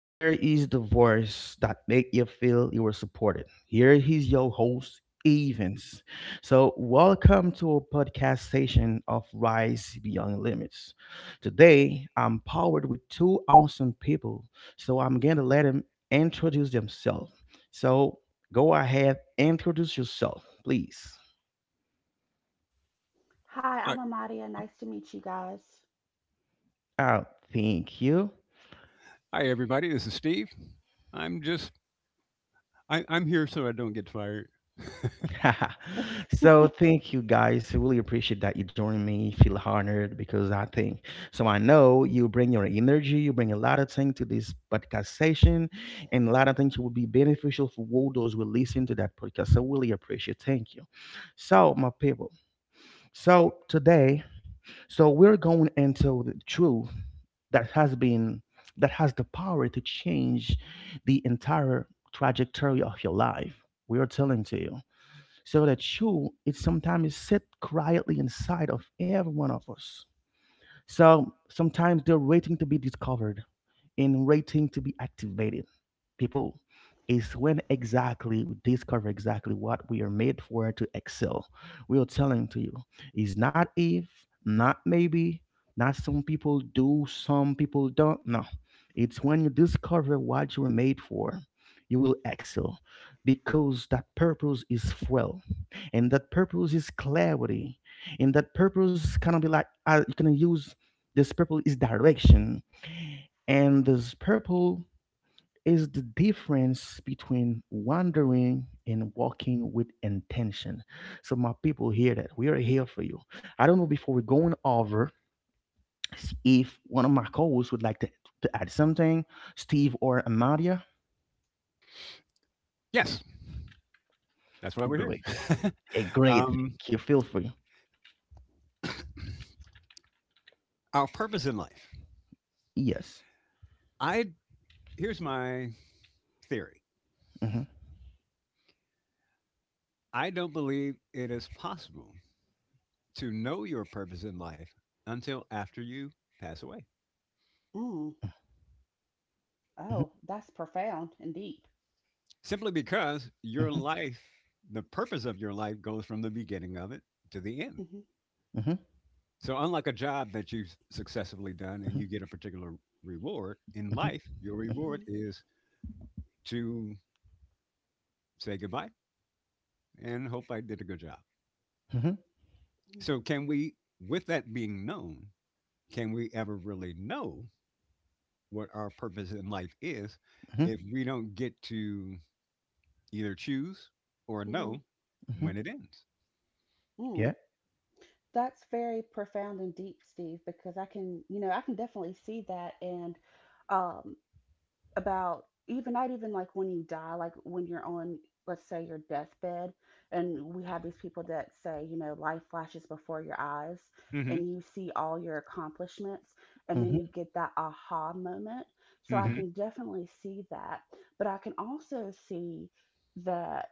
here is the voice that make you feel you were supported. Here is your host, Evans. So welcome to a podcast session of Rise Beyond Limits. Today, I'm powered with two awesome people, so I'm gonna let them introduce themselves. So go ahead, introduce yourself, please. Hi, Uh, I'm Amadia. Nice to meet you guys. Oh, thank you. Hi, everybody. This is Steve. I'm just I'm here so I don't get fired. So thank you guys. I really appreciate that you joined me. Feel honored because I think so. I know you bring your energy, you bring a lot of things to this podcast session, and a lot of things will be beneficial for all those who listen to that podcast. So really appreciate. Thank you. So my people. So today, so we're going into the truth that has been that has the power to change the entire trajectory of your life. We are telling to you so that you it sometimes sit quietly inside of every one of us so sometimes they're waiting to be discovered in rating to be activated. People, is when exactly we discover exactly what we are made for to excel. We are telling to you, it's not if, not maybe, not some people do, some people don't. No, it's when you discover what you were made for. You will excel because that purpose is fuel, and that purpose is clarity, and that purpose kind of be like you can use this purpose is direction and this purple is the difference between wandering and walking with intention. So, my people, hear that. We are here for you. I don't know before we're going over if one of my co hosts would like to add something, Steve or Amadia. Yes, that's why we're here. Great. A great. um, Thank you. Feel free. our purpose in life. Yes. I Here's my theory. hmm I don't believe it is possible to know your purpose in life until after you pass away. Mm. Oh, that's profound and deep. Simply because your hmm life, the purpose of your life, goes from the beginning of it to the end. hmm hmm So unlike a job that you've successfully done and hmm you get a particular reward in hmm hmm life, your hmm reward is to say goodbye and hope I did a good job. hmm So, can we, with that being known, can we ever really know what our purpose in life is hmm if we don't get to either choose or hmm know hmm when it ends? mm Yeah. That's very profound and deep, Steve, because I can, you know, I can definitely see that. And um, about even not even like when you die, like when you're on, let's say, your deathbed, and we have these people that say, you know, life flashes before your eyes Hmm. and you see all your accomplishments and then hmm you get that aha moment. So I hmm Hmm. can definitely see that, but I can also see that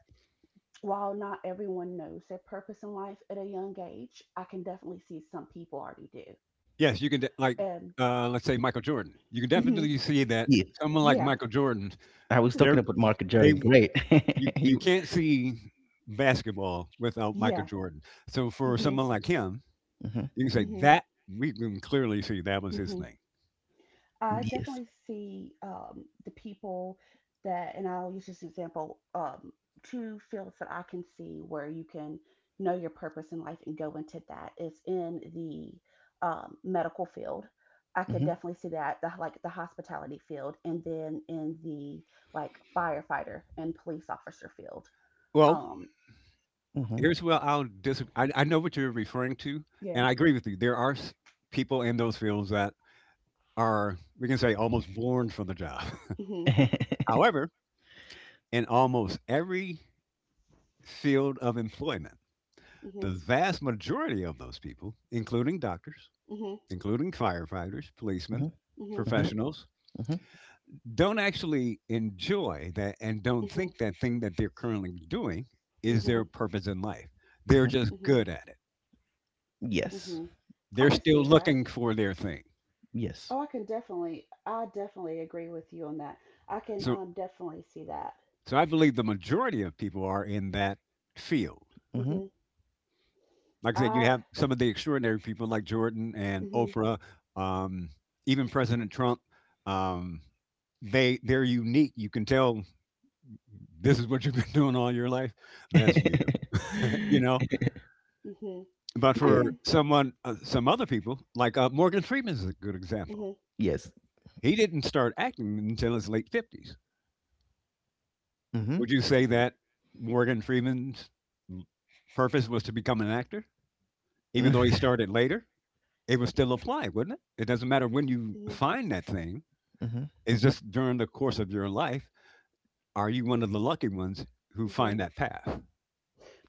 while not everyone knows their purpose in life at a young age, I can definitely see some people already do. Yes, you can, like, Um, let's say Michael Jordan. You can mhm, definitely see that Yeah. someone like yeah, Michael Jordan, I was talking they're, about Mark they, Jordan. Great. you, you you, can't see basketball without Michael yeah. Jordan. So for hmm someone like him, hmm you can say hmm that we can clearly see that was his hmm thing. I Yes. definitely see the people that, and I'll use this example, two fields that I can see where you can know your purpose in life and go into that is in the medical field. I could Mhm, definitely see that, like the hospitality field, and then in the like firefighter and police officer field. Well, Um, mhm. here's where I'll disagree. I know what you're referring to, yeah. and I agree with you. There are people in those fields that are, we can say, almost born for the job. Mhm. However, in almost every field of employment, Mhm. the vast majority of those people, including doctors, Mhm. including firefighters, policemen, Mhm, Mhm. mhm, professionals, mhm, don't actually enjoy that and don't Mhm. think that thing that they're currently doing is their Mhm. purpose in life. They're mhm. just Mhm. good at it. Yes, Mhm. I They're could still see that. looking for their thing. yes. Oh, I can definitely, I definitely agree with you on that. I can So definitely see that. so I believe the majority of people are in that field. Mhm. hmm Like I said, you I, have some of the extraordinary people like Jordan and hmm Oprah, um, even President Trump. Um, they're unique. You can tell this is what you've been doing all your life. That's you. You know, hmm But I Yeah, for can. someone, some other people, like Morgan Freeman is a good example. hmm yes. He didn't start acting until his late fifties. Mhm. Would you say hmm that Morgan Freeman's purpose was to become an actor, even though he started later? It would still apply, wouldn't it? It doesn't matter when you hmm find that thing. Mhm. It's just during the course of your life. Are you one of the lucky ones who hmm find that path?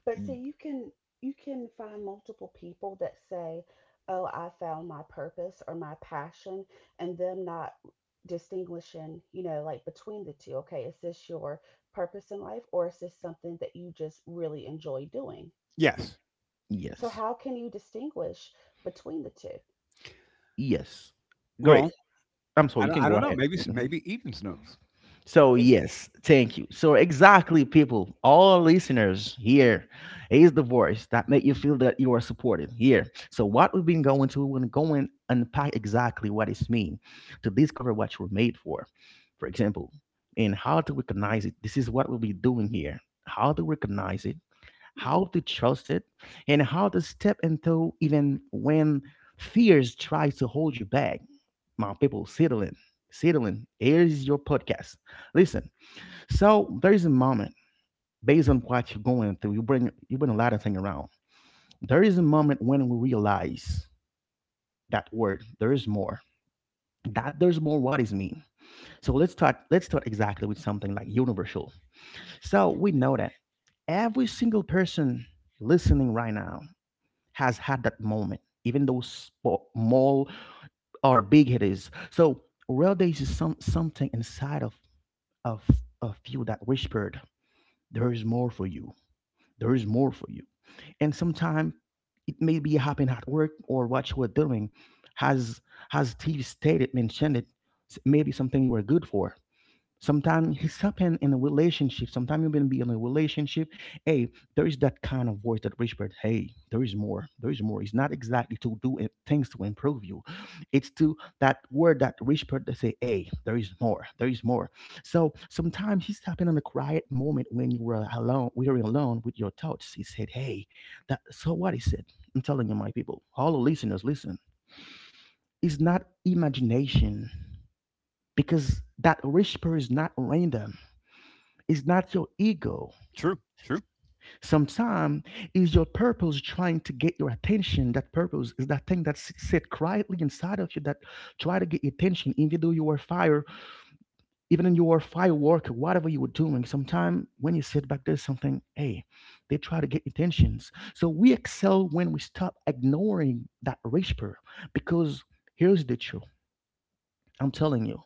But see, you can find multiple people that say, "Oh, I found my purpose or my passion," and them not distinguishing, you know, like between the two. Okay, is this your purpose in life, or is this something that you just really enjoy doing? Yes. So Yes, how can you distinguish between the 2? yes. Great. Well, I'm sorry, I you don't. can I go don't know. ahead. Maybe. Mhm. Maybe even knows. So It's Mhm. yes, thank you. So exactly, people, all listeners here is the voice that make you feel that you are supported here. So what we've been going to, we're going unpack exactly what it's mean to discover what you're made for. For example, and how to recognize it. This is what we'll be doing here. How to recognize it mhm. how to trust it, and how to step into even when fears try to hold you back. My people, settle in. Settle in. Here is your podcast. Listen. So there is a moment based on what you're going through. You bring a lot of things around. There is a moment when we realize that word. There is more. That there's more. What is mean? So let's start. Let's start exactly with something like universal. So Mm, we know that every single person listening right now has had that moment, even though small or big it is. So well, there is some something inside of of of you that whispered, "There is more for you. There is more for you." And sometimes it may be happening at work or what you were doing, has has TV stated mentioned it. Maybe something you were good for. Sometimes it's happened in a relationship. Sometimes you've been be in a relationship. Hey, there is that kind of voice that whispered, "Hey, there is more. There is more." It's not exactly to do it, things to improve you. It's to that word that whispered that say, "Hey, there is more. There is more." So sometimes it's happened in a quiet moment when you were alone. We were alone with your thoughts. He said, "Hey, that." So what he said? I'm telling you, my people, all the listeners, listen. It's not imagination because that whisper is not random it's not your ego. true. True. Sometimes it's your purpose trying to get your attention. That purpose is that thing that sit quietly inside of you that try to get your attention, even though you were fire, even in your firework, whatever you were doing. Sometimes when you sit back, there's something, hey, they try to get attentions. So we excel when we stop ignoring that whisper because here's the truth. I'm telling you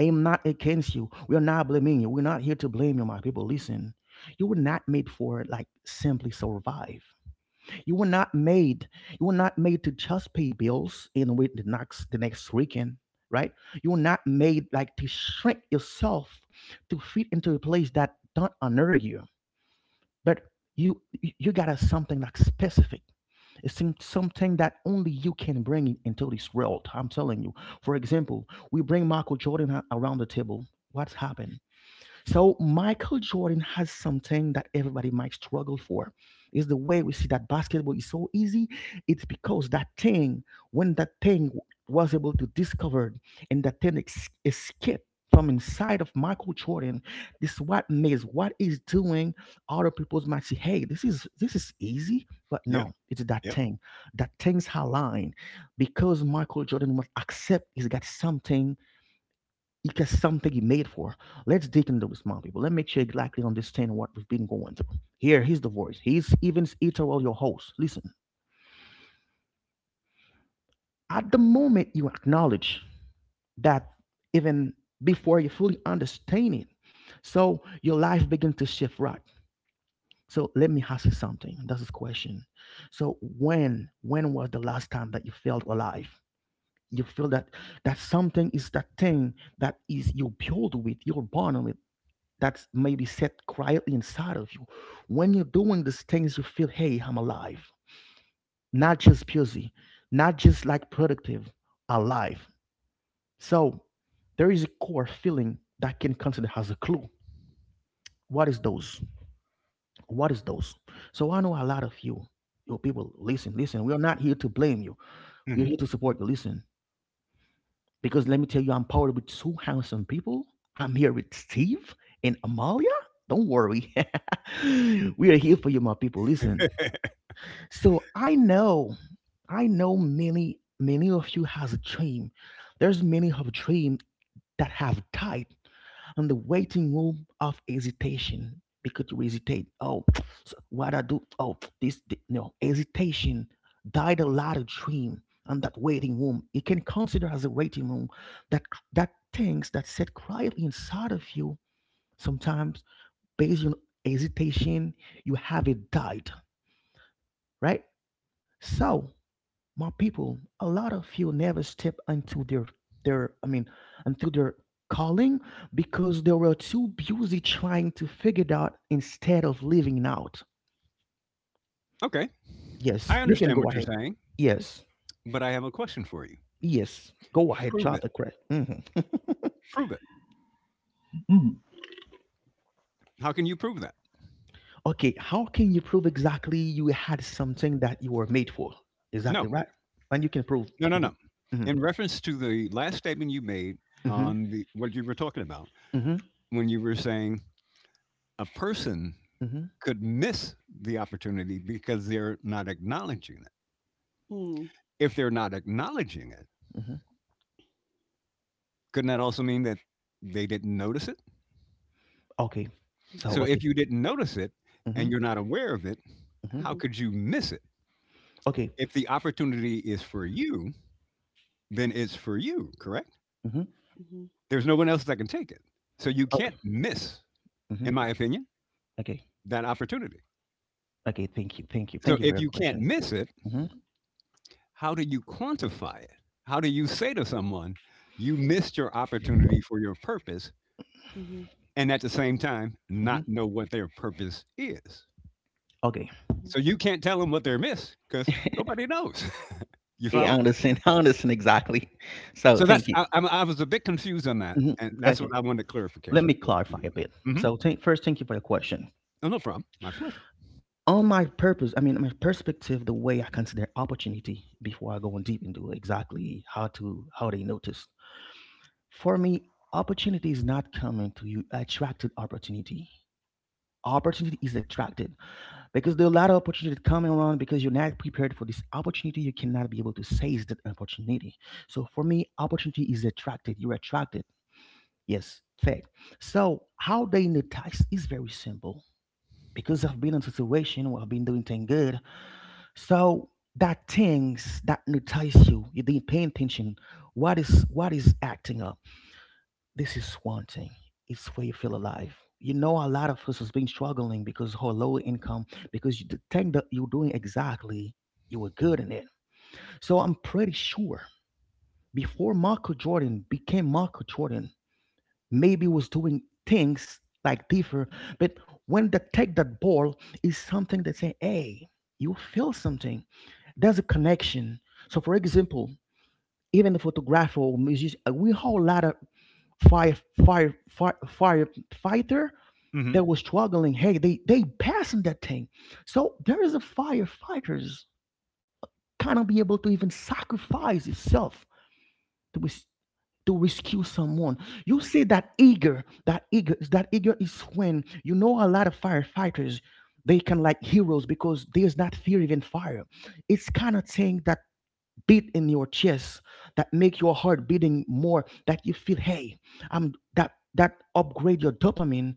I am not against you. We are not blaming you. We're not here to blame you, my people. Listen, you were not made for like simply survive. You were not made. You were not made to just pay bills and wait the next weekend, right? You were not made like to shrink yourself to fit into a place that don't honor you. But you got something like specific it's something that only you can into this world. I'm telling you. For example, we bring Michael Jordan around the table. What's happened? So Michael Jordan has something that everybody might struggle for. Is the way we see that basketball is so easy. It's because that thing, when that thing was able to discover and that thing escaped from inside of Michael Jordan, this is what makes what he's doing. Other people might say, "Hey, this is easy," but Yep. no, it's that Yep. thing. That thing's her line because Michael Jordan must accept he's got something it's something you made for. Let's dig into this, my people. Let's make sure you exactly understand what we've been going through. Here, he's the voice. He's even Eterol, your host. Listen, at the moment you acknowledge that even before you fully understand it, so your life begins to shift right. So let me ask you something. That's this question. So when was the last time that you felt alive? You feel that that something is that thing that is you build with, you're born with that's maybe set quietly inside of you. When you're doing these things, you feel, hey, I'm alive. Not just busy, not just like productive, alive. So there is a core feeling that can consider as a clue. What is those? What is those? So I know a lot of you, you people, listen, listen. We're not here to blame you. We're Mhm. here to support you. Listen, because let me tell you, I'm powered with two handsome people. I'm here with Steve and Amalia. Don't worry. We are here for you, my people. Listen, so I know many, many of you has a dream. There's many of dream that have died on the waiting room of hesitation because you hesitate. Oh, so what I do? Oh, no hesitation died a lot of dream on that waiting room. You can consider as a waiting room that that things that sit quietly inside of you sometimes based on hesitation you have it died right so my people, a lot of you never step into their their I mean into their calling because they were too busy trying to figure it out instead of living out. Okay. Yes, I you can understand go what you're ahead. saying, Yes, but I have a question for you. yes, go ahead, Prove try it. to correct. Prove it. Mhm. How can you prove that? Okay, how can you prove exactly you had something that you were made for? Exactly No. right. And you can prove. No, no, no. Mhm, In reference to the last statement you made mhm, on the what you were talking about, mhm, when you were saying a person mhm, could miss the opportunity because they're not acknowledging it. mm, If they're not acknowledging it, mhm. couldn't that also mean that they didn't notice it? Okay. So So Mm-hmm. okay. if you didn't notice it and Mhm, you're not aware of it, mhm. how Mm-hmm. could you miss it? Okay. If the opportunity is for you, then it's for you, correct? Mhm, Mm-hmm. There's no one else that can take it. So you okay. can't miss, Mhm, in my opinion, okay. that opportunity. Okay, thank you, thank you, So thank you for if your you can't question. miss it, hmm how do you quantify it? How do you say to someone, you missed your opportunity for your purpose, Mm-hmm. and at the same time, hmm not know what their purpose is? Okay, So you can't tell them what they're missed because nobody knows. You yeah, follow? Mm-hmm. I understand exactly. So, So thank that's you. I, I'm, I was a bit confused on that, hmm and that's what Okay, I wanted let clarification. me If you clarify do, a bit. mm-hmm. So, first, thank you for your question. Oh, no problem, my pleasure. On my purpose, I mean, my perspective, the way I consider opportunity before I go on deep into exactly how to how they notice. For me, opportunity is not coming to you. Attracted opportunity. Opportunity is attracted. Because there are a lot of opportunities coming around because you're not prepared for this opportunity. You cannot be able to seize that opportunity. So for me, opportunity is attracted. You're attracted. Yes, fact. So how they need tax is very simple. Because I've been in a situation where I've been doing things good. So that things that entice you, you didn't pay attention. What is acting up? This is one thing it's where you feel alive you know a lot of us has been struggling because her low income because you, the thing that you're doing exactly you were good in it so I'm pretty sure before Michael Jordan became Michael Jordan maybe was doing things like different but when they take that ball is something that say hey you feel something there's a connection. So for example, even the photographer or musician, we whole lot of fire, firefighter Mm-hmm. that was struggling. Hey, they passing that thing. So there is a firefighters kind of be able to even sacrifice itself to res- to rescue someone. You see that eager, that eager is when you know a lot of firefighters. They can like heroes because there's not fear even fire. It's kind of thing that beat in your chest that make your heart beating more that you feel hey, I'm that upgrade your dopamine.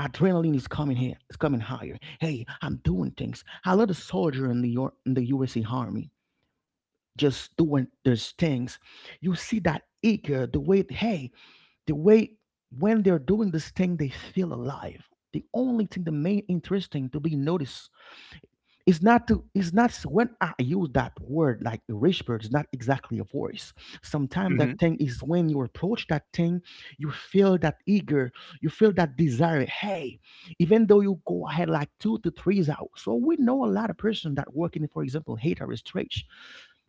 Adrenaline is coming here, it's coming higher. Hey, I'm doing things I love. The soldier in the in the usa army just doing those things. You see that eager, the way hey, the way, when they're doing this thing they feel alive. The only thing, the main interesting to be noticed, it's not when I use that word like the rich bird, it's not exactly a voice. Sometimes Mm-hmm. that thing is when you approach that thing, you feel that eager, you feel that desire. Hey, even though you go ahead like two to three is out. So we know a lot of person that working, for example, hate or stretch.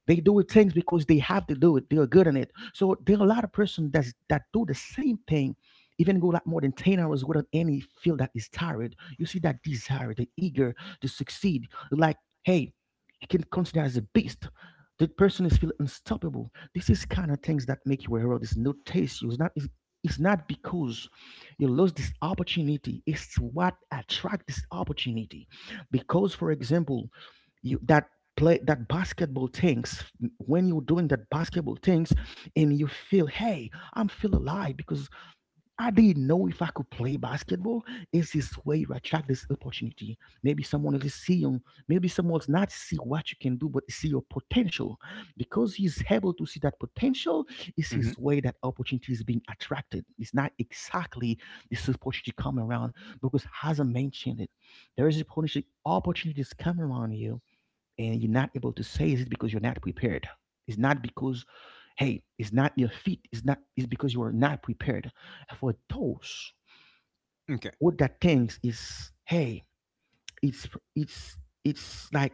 They do it things because they have to do it. They are good in it. So there are a lot of person that do the same thing, even go like more than 10 hours without any feel that is tired. You see that desire, the eager to succeed. Like, hey, you can consider as a beast. That person is feel unstoppable. This is kind of things that make you a hero. This no taste you. It's not because you lose this opportunity. It's what attract this opportunity. Because, for example, you that play that basketball things, when you're doing that basketball things and you feel hey, I'm feel alive because I didn't know if I could play basketball. Is this way you attract this opportunity? Maybe someone else is seeing, maybe someone's not see what you can do but see your potential. Because he's able to see that potential, is his Mm-hmm. way that opportunity is being attracted. It's not exactly this opportunity come around because, as I mentioned it, there is opportunity opportunities come around you and you're not able to say. Is it because you're not prepared? It's not because hey, it's not your feet, it's not, it's because you are not prepared for those. Okay. What that Mm-hmm. thinks is hey, it's it's it's like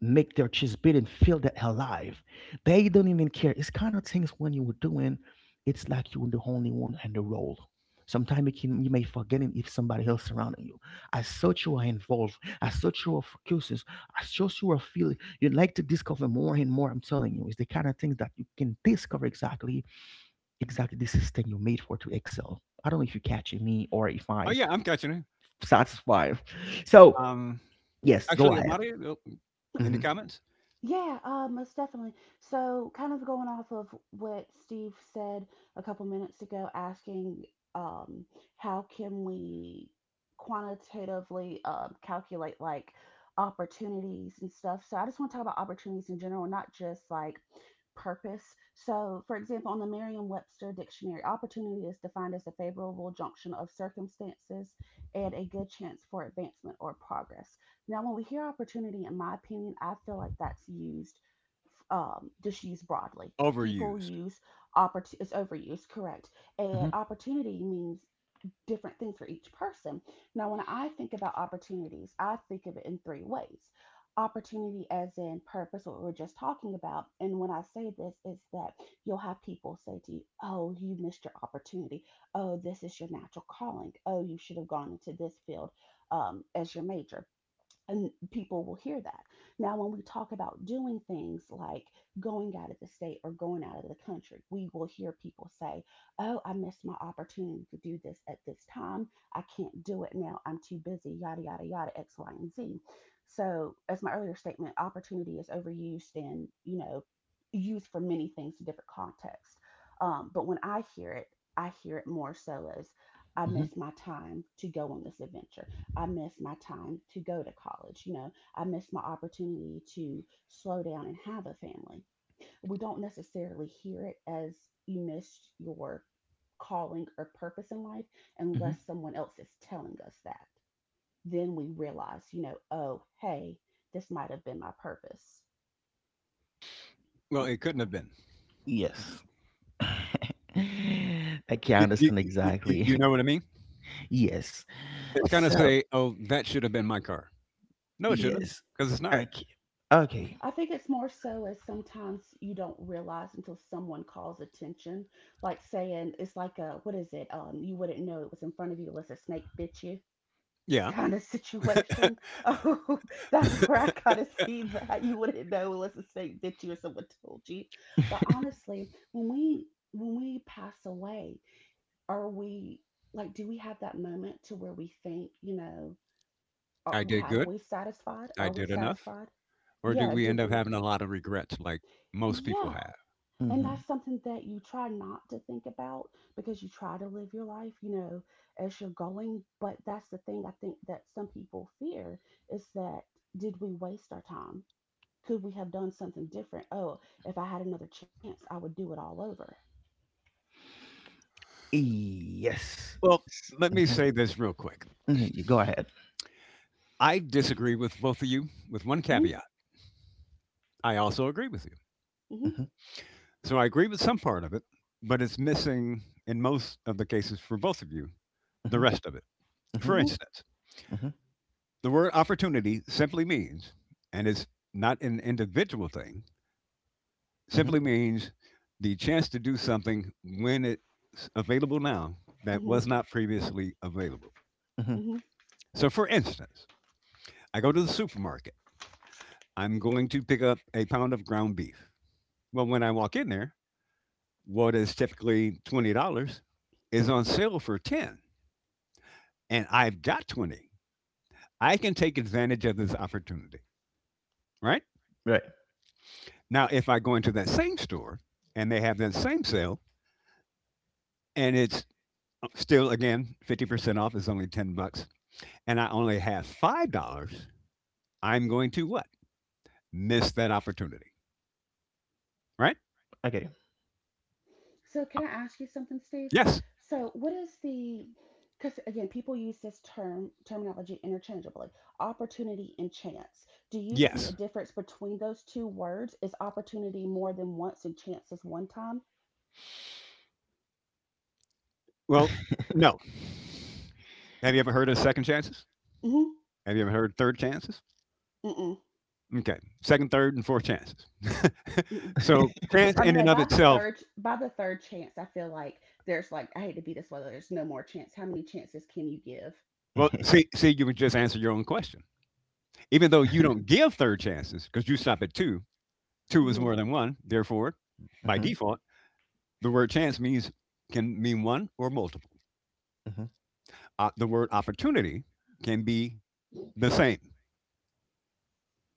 make their chest beat and feel that alive. They don't even care. It's kind of things when you were doing, it's like you were the only one in the world. Sometimes you, can, you may forgetting if somebody else surrounding you. As such, you are involved. As such, you are focused. As such, you are feeling. You like to discover more and more. I'm telling you, it's the kind of things that you can discover exactly, exactly this is thing you made for to excel. I don't know if you're catching me or if Oh, I yeah, I'm catching it. satisfy. So Um, yes, go Actually, ahead. Amari, in the Mhm, comments. Yeah, most definitely. So, kind of going off of what Steve said a couple minutes ago, asking um, how can we quantitatively calculate like opportunities and stuff. So, I just want to talk about opportunities in general, not just like purpose. So, for example, on the Merriam Webster dictionary, opportunity is defined as a favorable junction of circumstances and a good chance for advancement or progress. Now, when we hear opportunity, in my opinion, I feel like that's used, just used broadly. People Overused. use opportunity, it's overused, correct. And mhm, opportunity means different things for each person. Now, when I think about opportunities, I think of it in three ways: opportunity as in purpose, what we were just talking about. And when I say this, is that you'll have people say to you, "Oh, you missed your opportunity. Oh, this is your natural calling. Oh, you should have gone into this field as your major," and people will hear that. Now, when we talk about doing things like going out of the state or going out of the country, we will hear people say, "Oh, I missed my opportunity to do this at this time. I can't do it now. I'm too busy, yada, yada, yada, X, Y, and Z." So, as my earlier statement, opportunity is overused and, you know, used for many things in different contexts. But when I hear it more so as, "I mhm, missed my time to go on this adventure. I missed my time to go to college. You know, I missed my opportunity to slow down and have a family." We don't necessarily hear it as "you missed your calling or purpose in life" mhm. unless someone else is telling us that. Then we realize, you know, oh, hey, this might have been my purpose. Well, it couldn't have been. Yes. I can You, you, understand you, you, exactly. you know what I mean? Yes. It's kind of So, say, oh, that should have been my car. No, it shouldn't, Hmm yes. because it's not. Okay. Okay. I think it's more so as sometimes you don't realize until someone calls attention. Like saying, it's like a, what is it? You wouldn't know it was in front of you unless a snake bit you Yeah, kind of situation. Oh, that's where I kind of see that. You wouldn't know unless it's something that you or someone told you. But honestly, when we pass away, are we, like, do we have that moment to where we think, you know, are, I did have good. we satisfied? I Are we did enough. satisfied? Or do Yeah, we end did up we? having a lot of regrets like most people Yeah. have? And Mhm. that's something that you try not to think about because you try to live your life, you know, as you're going. But that's the thing I think that some people fear is that, did we waste our time? Could we have done something different? Oh, if I had another chance, I would do it all over. Yes. Well, let me Mhm. say this real quick. Mhm, you go ahead. I disagree with both of you with one Hmm caveat. I also agree with you. Mhm, So I agree with some part of it, but it's missing in most of the cases for both of you the mhm, rest of it. mhm, For hmm instance, mhm, the word opportunity simply means, and it's not an individual thing, mhm, simply means the chance to do something when it's available now that hmm was not previously available. mhm. hmm So, for instance, I go to the supermarket. I'm going to pick up a pound of ground beef. Well, when I walk in there, what is typically $20 is on sale for 10, and I've got 20. I can take advantage of this opportunity, right? Right. Now, if I go into that same store and they have that same sale, and it's still again 50% off is only 10 bucks, and I only have $5, I'm going to what? Miss that opportunity, right? Okay. So, can I ask you something, Steve? Yes, So, what is the, because again, people use this term terminology interchangeably, opportunity and chance. Do you see a yes. difference between those two words? Is opportunity more than once and chance is one time? Well, no. Have you ever heard of second chances? Mm-hmm. Have you ever heard of third chances? Mm-mm, Okay, second, third, and fourth chances. mm-mm. So chance I mean, in and like of by the itself. third, by the third chance, I feel like there's like, I hate to be this way, there's no more chance. How many chances can you give? Well, see, you would just answer your own question. Even though you don't give third chances because you stop at two, two is Mm-hmm. more than one. Therefore, by Mhm, default, the word chance means can mean one or multiple. mhm, The word opportunity can be the same.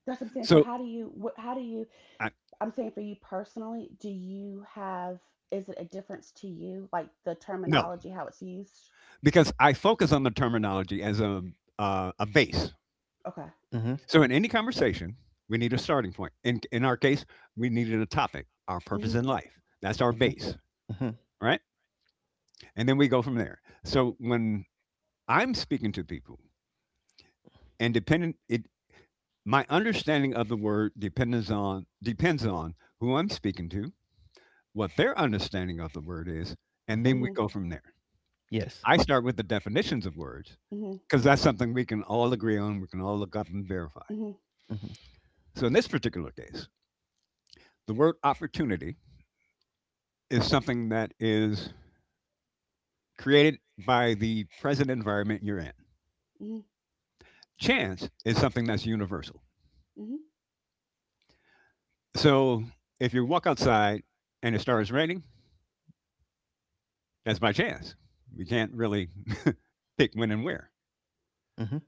That's what I'm saying. So So how do you, what? How do you, I, I'm saying for you personally, do you have, is it a difference to you, like the no, terminology, how it's used? because I focus on the terminology as a base. Okay. mhm, So in any conversation, we need a starting point. In our case, we needed a topic, our purpose hmm in life. That's our mhm, base, mhm, right? And then we go from there. So when I'm speaking to people and dependent it my understanding of the word depends on who I'm speaking to, what their understanding of the word is, and mhm. then we hmm go from there. Yes. I start with the definitions of words hmm because that's something we can all agree on, we can all look up and verify. hmm Mhm, So in this particular case, the word opportunity is something that is created by the present environment you're in. hmm Chance is something that's universal. hmm So if you walk outside and it starts raining, that's by chance. We can't really pick when and where. mhm.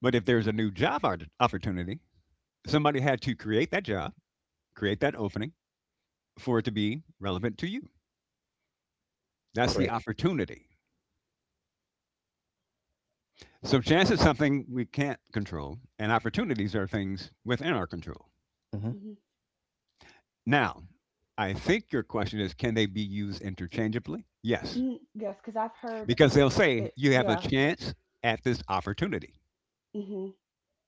But if there's a new job opportunity, somebody had to create that job, create that opening for it to be relevant to you. That's the Great. opportunity. So chance is something we can't control, and opportunities are things within our control. Mhm, hmm Now, I think your question is can they be used interchangeably? Yes. hmm Yes, because I've heard Because they'll say it, you have a yeah. chance at this opportunity. hmm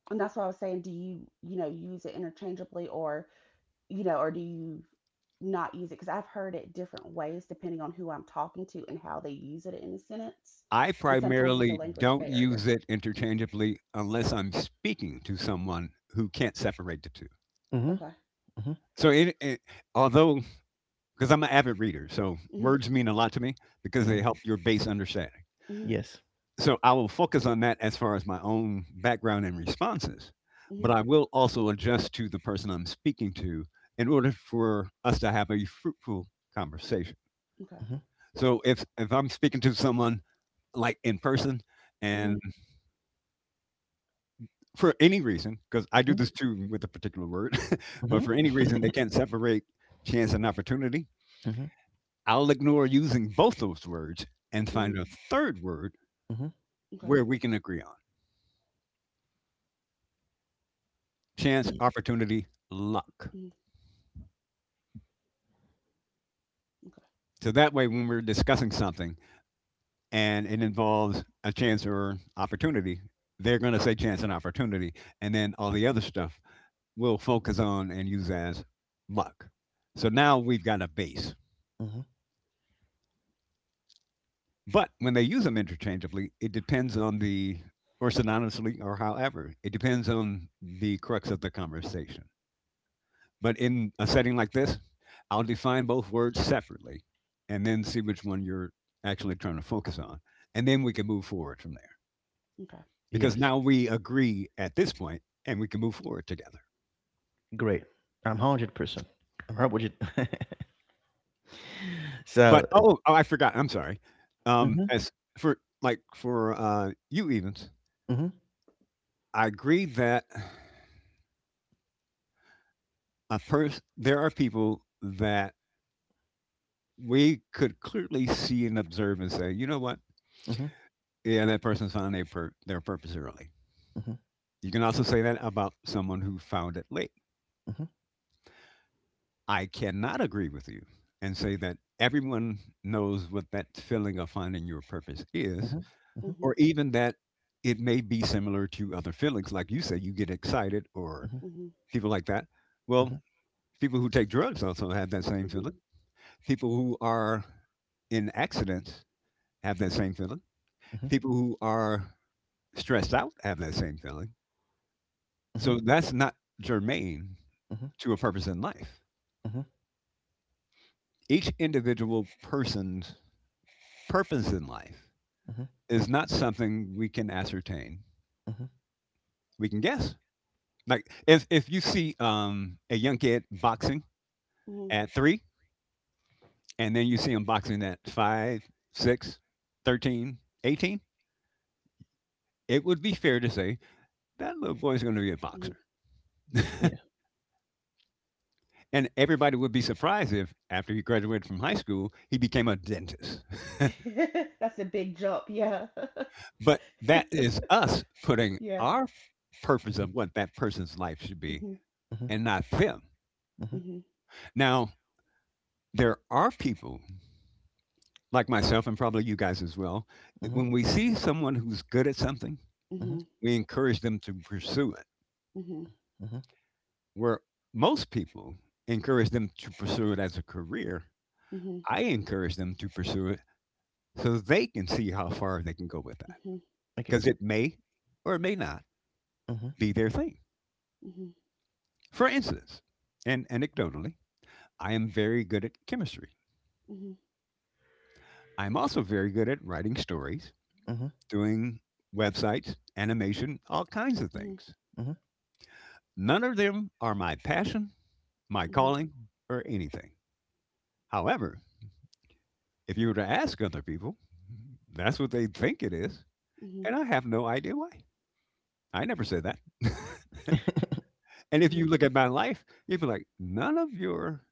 And that's what I was saying. Do you, you know, use it interchangeably or, you know, or do you not use it? Because I've heard it different ways depending on who I'm talking to and how they use it in a sentence. I And sometimes it's a primarily language don't barrier. use it interchangeably unless I'm speaking to someone who can't separate the two. mhm, Okay. mhm, So, although, because I'm an avid reader, so hmm words mean a lot to me because they mhm. help your base understanding. hmm Yes. So, I will focus on that as far as my own background and responses, but hmm I will also adjust to the person I'm speaking to in order for us to have a fruitful conversation. Okay. Mm-hmm. So, if I'm speaking to someone like in person, Mm-hmm. and for any reason, because I do Mm-hmm. this too with a particular word, but Mm-hmm. for any reason they can't separate chance and opportunity, Mm-hmm. I'll ignore using both those words and Mm-hmm. find a third word Mm-hmm. Okay. where we can agree on chance, Yeah. opportunity, luck. Mm, okay. So that way when we're discussing something and it involves a chance or opportunity, they're going to say chance and opportunity, and then all the other stuff we'll focus on and use as luck. So now we've got a base. Mm-hmm. But when they use them interchangeably, it depends on the, or synonymously, or however, it depends on the crux of the conversation. But in a setting like this, I'll define both words separately and then see which one you're actually trying to focus on. And then we can move forward from there Okay. because Yes. now we agree at this point and we can move forward together. Great. I'm 100%. I'm hundred with you. But, So. oh, oh, I forgot. I'm sorry. Mm-hmm. As for you, Evans, Mm-hmm. I agree that a person there are people that we could clearly see and observe and say, you know what? Mm-hmm. Yeah, that person's found their purpose early. Mm-hmm. You can also say that about someone who found it late. Mm-hmm. I cannot agree with you and say that everyone knows what that feeling of finding your purpose is, Mm-hmm. Mhm. or even that it may be similar to other feelings. Like you say, you get excited or Mm-hmm. Mm-hmm. Mhm. people like that. Well, Mm-hmm. people who take drugs also have that same Mhm. feeling. People who are in accidents have that same feeling. People who are stressed out have that same feeling. Mm-hmm. So that's not germane Mm-hmm. to a purpose in life. Mm-hmm. Each individual person's purpose in life Mm-hmm. is not something we can ascertain. Mm-hmm. We can guess. Like if you see a young kid boxing Mhm. at three, and then you see him boxing at five, six, 13, 18, it would be fair to say that little boy's going to be a Mhm. boxer. Yeah. And everybody would be surprised if, after he graduated from high school, he became a dentist. That's a big jump. Yeah. But that is us putting Yeah. our purpose Mm-hmm. of what that person's life should be Mhm. Mm-hmm. and not them. Mhm. Now, there are people like myself and probably you guys as well. That Mm-hmm. When we see someone who's good at something, Mm-hmm. Mm-hmm. Mhm. we encourage them to pursue it. Mhm. Mm-hmm. Where most people encourage them to pursue it as a career, Mhm. I encourage them to pursue it so they can see how far they can go with that Mhm. Okay. because it may or it may not Mm-hmm. be their thing. Mhm. For instance, and anecdotally, I am very good at chemistry. Mhm. I'm also very good at writing stories, Mm-hmm. doing websites, animation, all kinds of Mhm. things. Mm-hmm. None of them are my passion, my Mhm. Mhm. calling, or anything. However, if you were to ask other people, that's what they think it is. Mhm. And I have no idea why. I never said that. And if you look at my life, you'd be like, none of your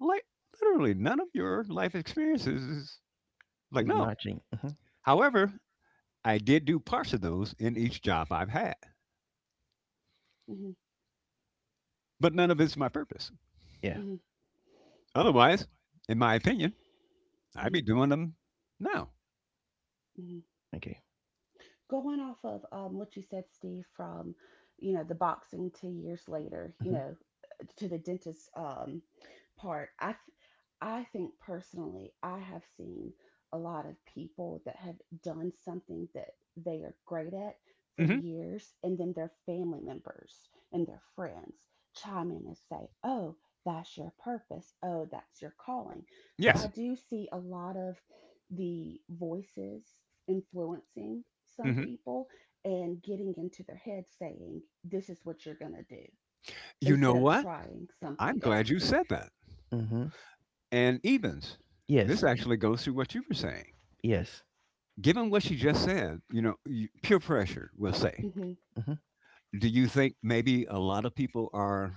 like literally none of your life experiences is like It's no. marching. Mm-hmm. However, I did do parts of those in each job I've had. Mhm. But none of it's my purpose. Yeah. Mhm. Otherwise, in my opinion, I'd be Mhm. doing them now. Mhm. Okay. Going off of what you said, Steve, from, you know, the boxing 2 years later, you Mm-hmm. know, to the dentist part, I think personally, I have seen a lot of people that have done something that they are great at for Hmm. years, and then their family members and their friends chime in and say, "Oh, that's your purpose. Oh, that's your calling." So Mm-hmm. I Yes. do see a lot of the voices influencing some Hmm. people and getting into their head saying, this is what you're going to do You know instead of what? trying I'm something glad you else. said that. Mm-hmm. And Evans, this Yes. actually goes through what you were saying. Yes. Given what she just said, you know, you, peer pressure, we'll say. Hmm Mm-hmm. Do you think maybe a lot of people are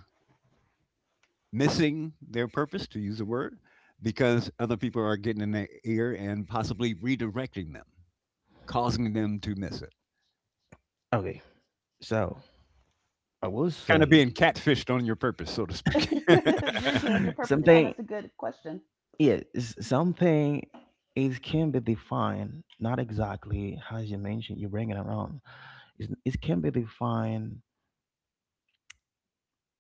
missing their purpose, to use a word, because other people are getting in their ear and possibly redirecting them, causing them to miss it? Okay. So I will Kind of say being catfished on your purpose, so to speak. You're good. You're perfectly fine. something, That's a good question. yeah, something. It can be defined not exactly as you mentioned, you bring it around. It can be defined,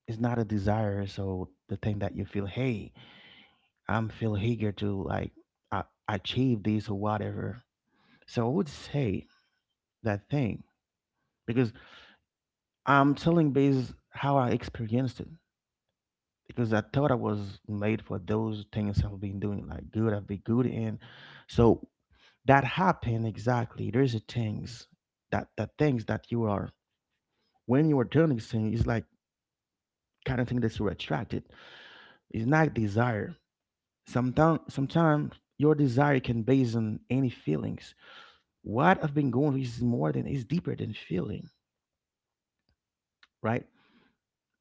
it's not a desire. So the thing that you feel, hey, I'm feel eager to like achieve this or whatever. So I would say that thing, because I'm telling based how I experienced it, because I thought I was made for those things I've been doing like good, I've been good in. So that happen exactly. There's a things that things that you are, when you are doing things is like kind of thing that you're attracted. It's not desire. Sometimes your desire can base on any feelings. What I've been going is more than is deeper than feeling, right?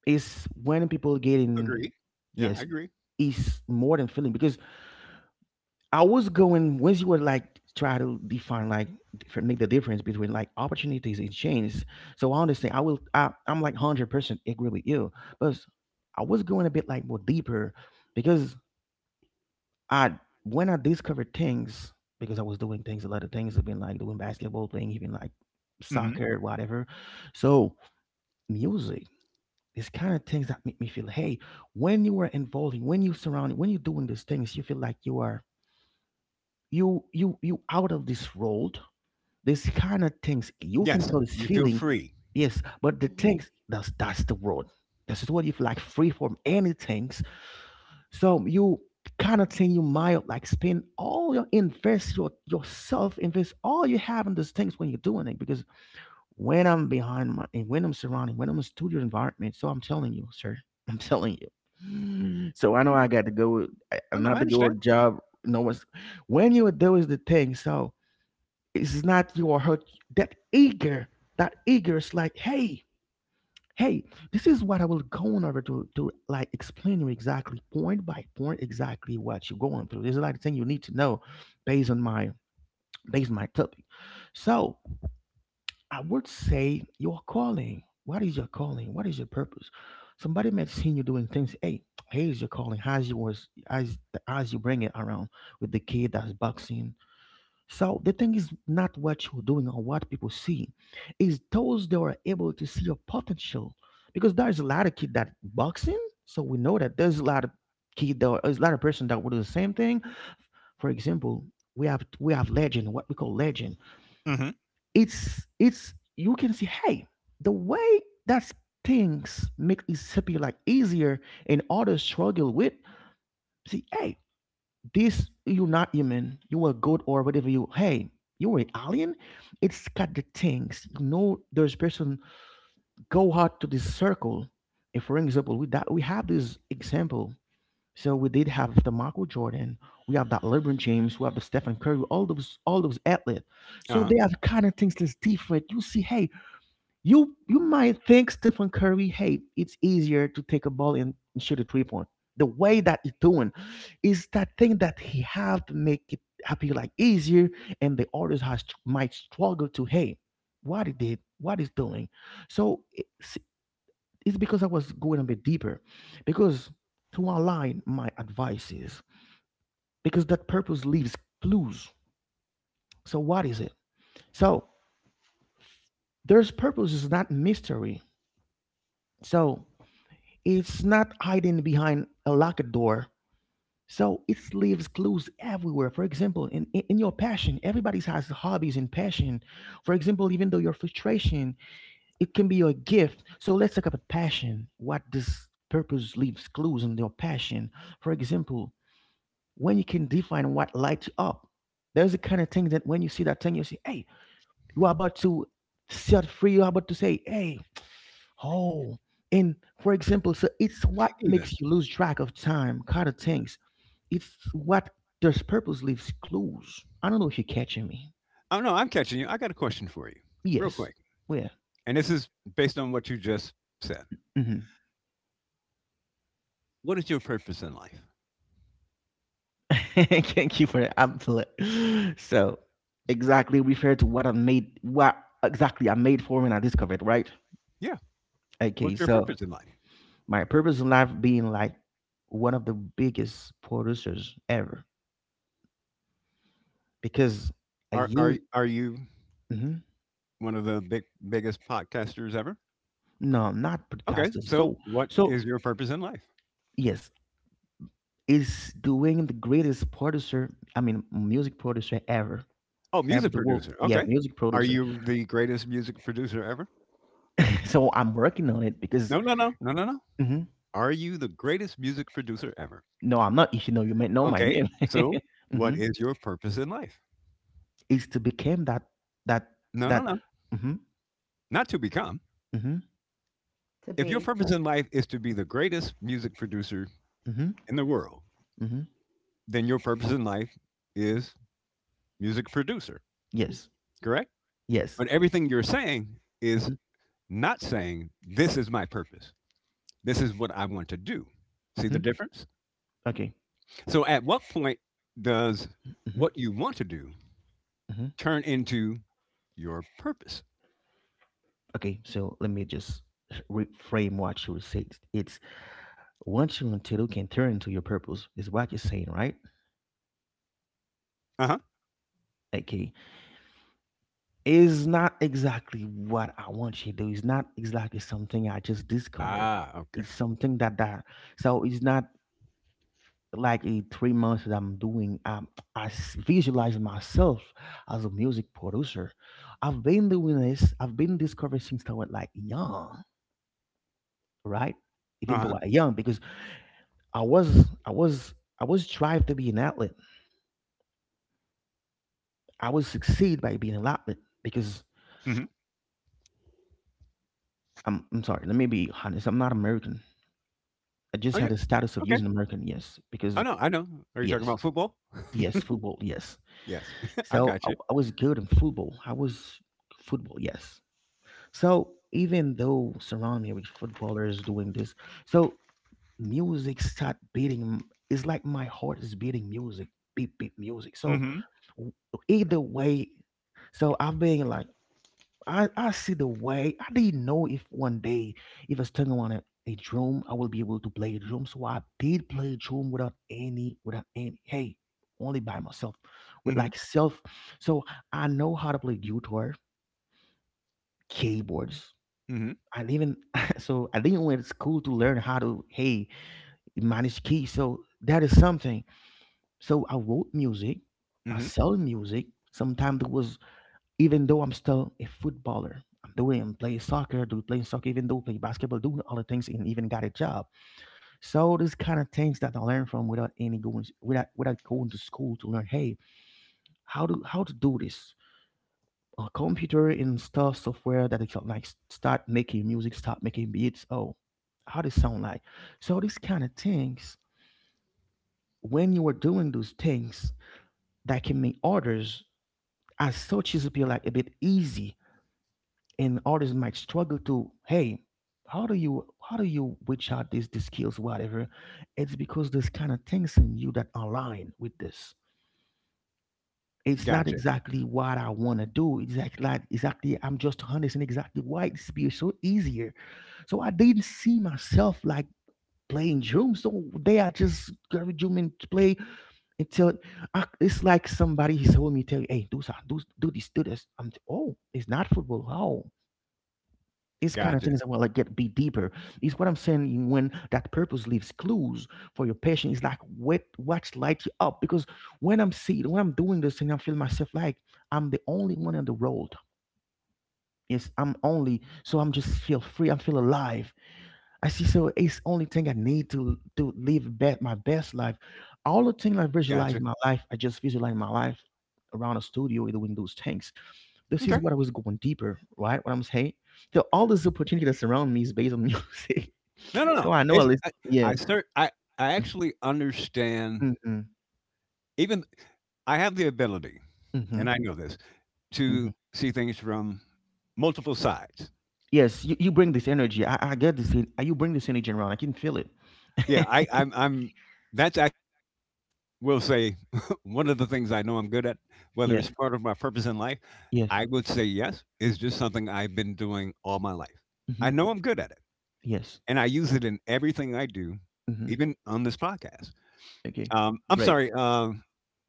It's when people getting, Agreed. Yeah, I yes. agree. It's more than feeling because I was going, once you would like try to define like different, make the difference between like opportunities and chance. So honestly, I'm like 100% agree with you, but I was going a bit like more deeper because I when I discovered things, because I was doing things, a lot of things I've been like doing basketball, playing even like soccer, whatever. So music. It's kind of things that make me feel, hey, when you are involving, when you surround, when you're doing these things, you feel like you are, you out of this world. This kind of things you can Yes, call this you feel feeling, free. yes, but the Hmm things that's the world. This is what, if like free from any things, so you kind of thing you might like spend all your, invest your, yourself, invest all you have in those things when you're doing it. Because when I'm behind my, and when I'm surrounding, when I'm in studio environment, so I'm telling you sir, I'm telling you. Mm. So I know Mhm. I got to go. Oh, I'm no, not I to go a understand. job, no one's, when you do is the thing. So it's not you or her, that eager, that eager is like hey, hey, this is what I will go on over to like explain you exactly point by point exactly what you're going through. This is like the thing you need to know, based on my, topic. So I would say your calling, what is your calling, what is your purpose. Somebody may have seen you doing things, hey, here's your calling, how's you was, as you bring it around with the kid that's boxing. So the thing is not what you're doing or what people see, is those that are able to see your potential. Because there's a lot of kid that boxing, so we know that there's a lot of person that will do the same thing. For example, we have legend, what we call legend. Hmm. It's You can see, hey, the way that things make it appear like easier and others struggle with. See, hey, this you're not human. You are god or whatever you. Hey, you're an alien. It's got the things. You know, there's person go out to this circle. If, for example, we that we have this example. So we did have the Michael Jordan. We have that LeBron James. We have the Stephen Curry. All those athletes. So Uh-huh. they have kind of things that's different. You see, hey, you might think Stephen Curry, hey, it's easier to take a ball and, shoot a 3-point. The way that he's doing is that thing that he have to make it appear like easier, and the others has might struggle to hey, what he did, what he's doing. So it's because I was going a bit deeper, because to align my advice is because that purpose leaves clues. So what is it? So there's purpose is not mystery. So it's not hiding behind a locked door. So it leaves clues everywhere. For example, in your passion, everybody has hobbies and passion. For example, even though your frustration, it can be your gift. So let's talk about passion. What this purpose leaves clues in your passion. For example, when you can define what lights you up, there's a kind of thing that when you see that thing, you say, hey, you are about to set free. You are about to say, hey, oh, and for example, so it's what makes Evens. you lose track of time, kind of things. It's what, does purpose leaves clues. I don't know if you're catching me. Oh, no, I'm catching you. I got a question for you, real Yes. quick. Where? And this is based on what you just said. Mm-hmm. What is your purpose in life? Thank you for that. I So, exactly refer to what I made, what exactly I made for when I discovered, right? Yeah. Okay, What's your so purpose in life? my purpose in life being like one of the biggest producers ever because I Are, are, use. are you one of the biggest podcasters ever? No, not Okay. podcaster. So, So, what so is your purpose in life? yes, is doing the greatest producer. I mean, music producer ever, Oh, ever music the world. producer. Yeah, Okay. music Are producer. you the greatest music producer ever? So I'm working on it because. No, no, no, no, no, no. Mhm. Are you the greatest music producer ever? No, I'm not. If you know, you may know my Okay, name. so Hmm. what is your purpose in life? Is to become that that No, no, that. no, Hmm. not to become. Hmm. to If your be. purpose in life is to be the greatest music producer Hmm. in the world, Hmm. then your purpose in life is music producer, Yes. correct? Yes. But everything you're saying is Hmm. not saying, this is my purpose. This is what I want to do. See the Hmm. difference? Okay. So at what point does Hmm. what you want to do Hmm. turn into your purpose? Okay. So let me just reframe what you said. It's What you want to do can turn into your purpose, is what you're saying, right? Uh huh. Okay. It's not exactly what I want you to do. It's not exactly something I just discovered. Ah, okay. It's something that, so it's not like a 3 months that I'm doing. I visualize myself as a music producer. I've been doing this. I've been discovering since I was like young, right? Uh Even huh. though I young, because I was I was I was drive to be an athlete. I would succeed by being allotment because Hmm. I'm sorry, let me be honest. I'm not American. I just Oh, had yeah. a status of Okay. using American, yes, because I know, I know. Are you talking yes, about football? yes, football, yes. Yes, I So got I, you. I was good in football. I was football, yes. So even though surround me with footballers doing this, so music start beating. It's like my heart is beating music, beat beat music. So Mhm, w- either way, so I've been like I see the way. I didn't know if one day, if I was turning on a drum, I will be able to play a drum. So I did play drum without any, only by myself, with mhm, like self. So I know how to play guitar, keyboards. mhm, I even, so I didn't went to school to learn how to, manage keys. So that is something. So I wrote music, I mhm. sell music. Sometimes it was even though I'm still a footballer. I'm playing soccer, do playing soccer, even though play basketball, doing all the things, and even got a job. So these kind of things that I learned from without any going without going to school to learn, how to do this. A computer and stuff software that is like start making music, start making beats. Oh, how does sound like? So these kind of things, when you are doing those things that can make others as such as be like a bit easy, and artists might struggle to, hey how do you reach out these skills, whatever. It's because there's kind of things in you that align with this. It's not Gotcha, exactly what I want to do exactly, like exactly. I'm just understanding exactly why it's be so easier. So I didn't see myself like playing drums, so they are just garbage drum and play until it's like somebody he told me tell you, hey do, do this. Oh, it's not football how. These kind of gotcha, things that will like get be deeper is what I'm saying, when that purpose leaves clues for your passion, is like what's light you up. Because when I'm doing this thing, I feel myself like I'm the only one on the road. Yes, I'm only, so I'm just feel free, I feel alive. I see, so it's only thing I need to live my best life. All the things gotcha. I just visualize my life around a studio doing those things. This is Okay. what I was going deeper, right? What I'm saying. So all this opportunity that's around me is based on music. No, no, So no. I know It's at least, yeah. I cer I actually understand Mm-hmm. even I have the ability, Mm-hmm. and I know this, to Hmm. see things from multiple sides. Yes, you bring this energy. I get this. You bring this energy around. I can feel it. Yeah, I I'm that's I will say one of the things I know I'm good at, whether Yeah. it's part of my purpose in life, Yes. I would say yes, is just something I've been doing all my life. I Mm-hmm, know I'm good at it. yes. And I use it in everything I do, Mm-hmm. even on this podcast. Okay. I'm Great. sorry,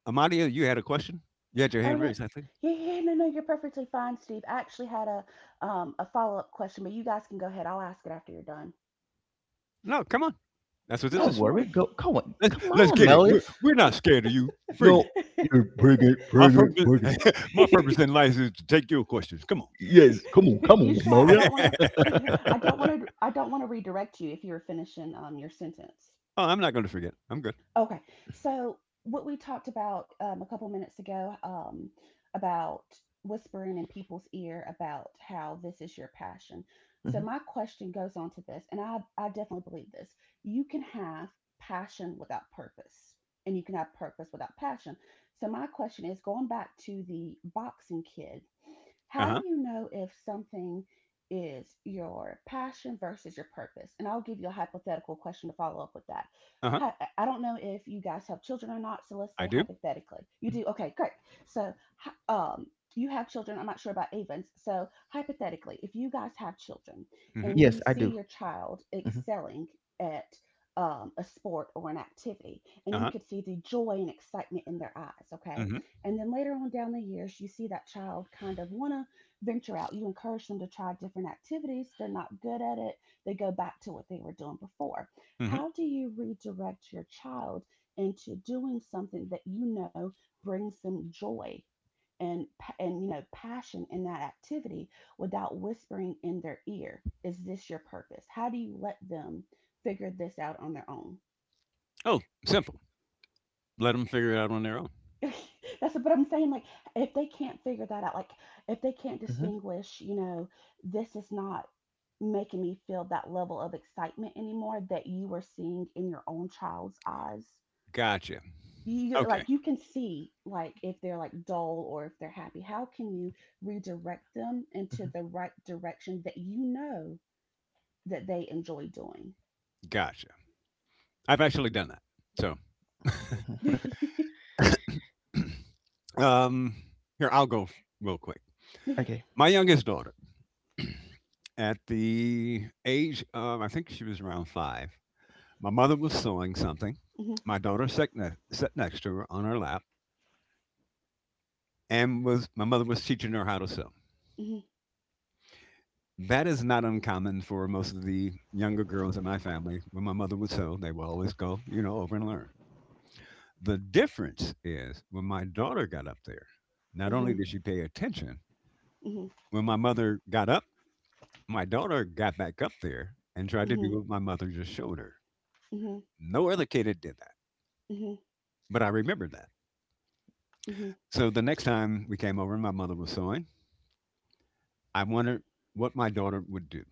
Amadia, you had a question? You had your Oh, hand no. raised, I think. Yeah, yeah, yeah. No, no, you're perfectly fine, Steve. I actually had a follow up question, but you guys can go ahead. I'll ask it after you're done. No, come on. That's what this Don't Oh, is for. worry. Go. Come on. Let's Come let's on, get it. Melia. We're yes. we're not scared of you. Bring it. No. You're bring it. My Bring it. purpose, Bring it. my purpose in life is to take your questions. Come on. Yes. Come on. Come You on, sure? I Melia. don't want Oh, to. I don't want to. I don't want to redirect you if you're finishing your sentence. I'm not going to forget. I'm good. Okay. So what we talked about a couple minutes ago about whispering in people's ear about how this is your passion. So Hmm. my question goes on to this, and I definitely believe this. You can have passion without purpose, and you can have purpose without passion. So my question is going back to the boxing kid, Uh how do huh. you know if something is your passion versus your purpose? And I'll give you a hypothetical question to follow up with that. Uh huh. I don't know if you guys have children or not, so let's I say do. hypothetically. You do? Okay, great. So, um, you have children. I'm not sure about Avens. So, hypothetically, if you guys have children Mm-hmm. and Yes, you I see do. your child Hmm. excelling at a sport or an activity, and Uh you huh. could see the joy and excitement in their eyes, okay? Mm-hmm. And then later on down the years, you see that child kind of want to venture out. You encourage them to try different activities. They're not good at it. They go back to what they were doing before. Mm-hmm. How do you redirect your child into doing something that you know brings them joy? And, and you know, passion in that activity, without whispering in their ear, is this your purpose? How do you let them figure this out on their own? Oh, simple. Let them figure it out on their own. That's what I'm saying. Like, if they can't figure that out, like, if they can't Hmm. distinguish, you know, this is not making me feel that level of excitement anymore that you were seeing in your own child's eyes. Gotcha. You, Okay. like, you can see, like, if they're like dull or if they're happy. How can you redirect them into Hmm. the right direction that you know that they enjoy doing? Gotcha. I've actually done that. So Um, here, I'll go real quick. Okay. My youngest daughter, at the age of, I think she was around five, my mother was sewing something. My daughter sat next to her on her lap, and was my mother was teaching her how to sew. Mhm. That is not uncommon for most of the younger girls in my family. When my mother would sew, they would always go, you know, over and learn. The difference is when my daughter got up there, not mhm, only did she pay attention, mhm, mhm, when my mother got up, my daughter got back up there and tried to mhm, do what my mother just showed her. mhm, No other kid had did that, mhm, but I remembered that. mhm, mhm, So the next time we came over and my mother was sewing, I wondered what my daughter would do.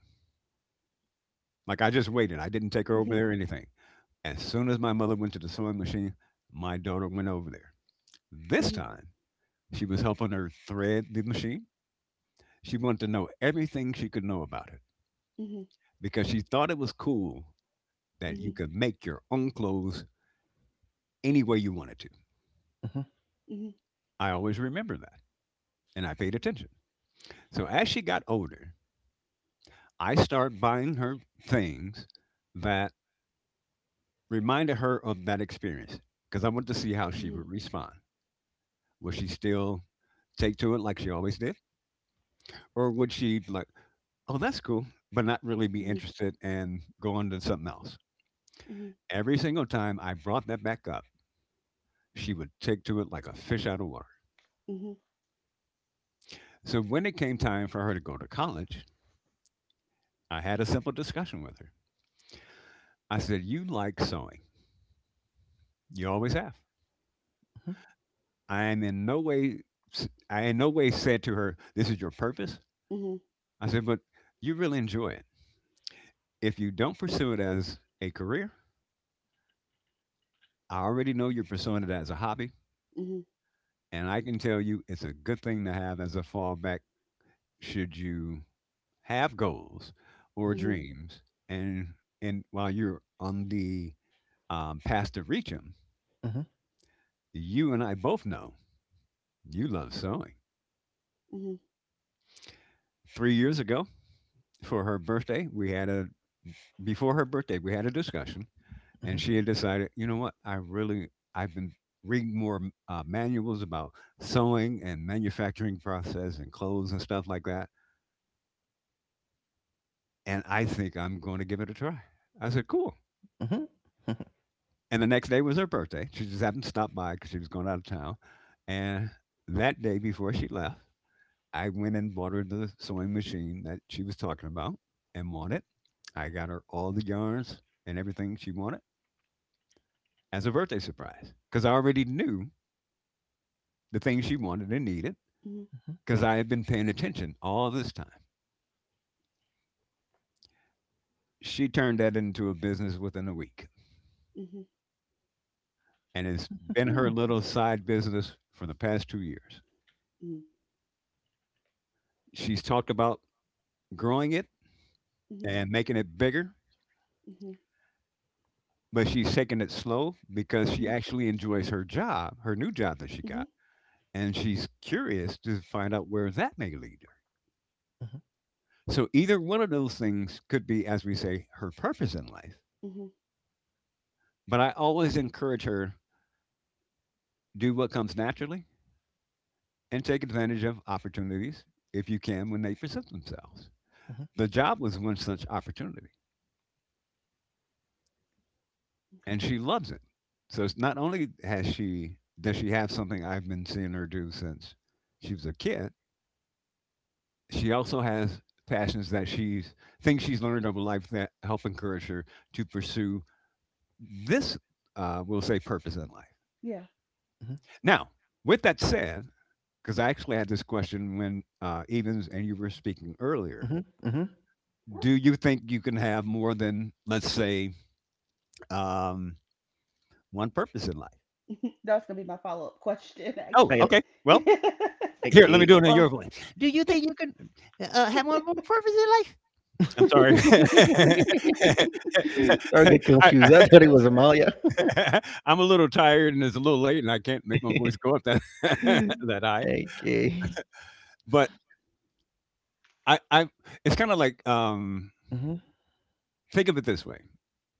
Like I just waited. I didn't take her over there or anything. As soon as my mother went to the sewing machine, my daughter went over there. This mhm, time, she was helping her thread the machine. She wanted to know everything she could know about it mhm, because she thought it was cool that you Mhm, could make your own clothes any way you wanted to. Hmm. mhm, I always remember that. And I paid attention. So as she got older, I started buying her things that reminded her of that experience because I wanted to see how she mhm, would respond. Would she still take to it like she always did? Or would she, be like, oh, that's cool, but not really be mhm, interested and go on to something else? mhm, Every single time I brought that back up, she would take to it like a fish out of water. mhm, So when it came time for her to go to college, I had a simple discussion with her. I said, you like sewing. You always have. I am in no way, I in no way said to her, "This is your purpose." mhm, I said, "But you really enjoy it. If you don't pursue it as a career, I already know you're pursuing it as a hobby, mhm, and I can tell you it's a good thing to have as a fallback should you have goals Uh or huh. mhm, dreams, and while you're on the path to reach them, Uh huh. you and I both know you love sewing. mhm, mhm, 3 years ago, for her birthday, we had a before her birthday, we had a discussion Uh and huh. she had decided, you know what, I've been reading more manuals about sewing and manufacturing process and clothes and stuff like that, and I think I'm going to give it a try. I said, cool. Uh huh. Uh And the next day was her birthday. She just happened to stop by because she was going out of town, and that day before she left, I went and bought her the sewing machine that she was talking about and wanted. I got her all the yarns and everything she wanted as a birthday surprise because I already knew the things she wanted and needed, mhm, huh. because I had been paying attention all this time. She turned that into a business within a week, mhm, and it's been her little side business for the past 2 years. mhm, She's talked about growing it and making it bigger, but she's taking it slow because mhm, she mhm, actually enjoys her job, her new job that she mhm, got, and she's curious to find out where that may lead her. So, either one of those things could be, as we say, her purpose in life. mhm. But I always encourage her do what comes naturally and take advantage of opportunities if you can when they present themselves. The job was one such opportunity, Okay. and she loves it. So it's not only has she does she have something I've been seeing her do since she was a kid, she also has passions that she's things she's learned over life that help encourage her to pursue this we'll say purpose in life. Yeah. Now, with that said, because I actually had this question when Evans and you were speaking earlier, Uh huh. do you think you can have more than, let's say, um, one purpose in life? That's gonna be my follow-up question, Oh, I actually. okay. Well, I here, let me gate. do it in your Or. voice. Do you think you can have more than one purpose in life? I'm sorry. Sorry, I get I, confused. I I, thought it was Amalia. I'm a little tired and it's a little late and I can't make my voice go up that that high. Okay. But I it's kind of like Uh. think of it this way.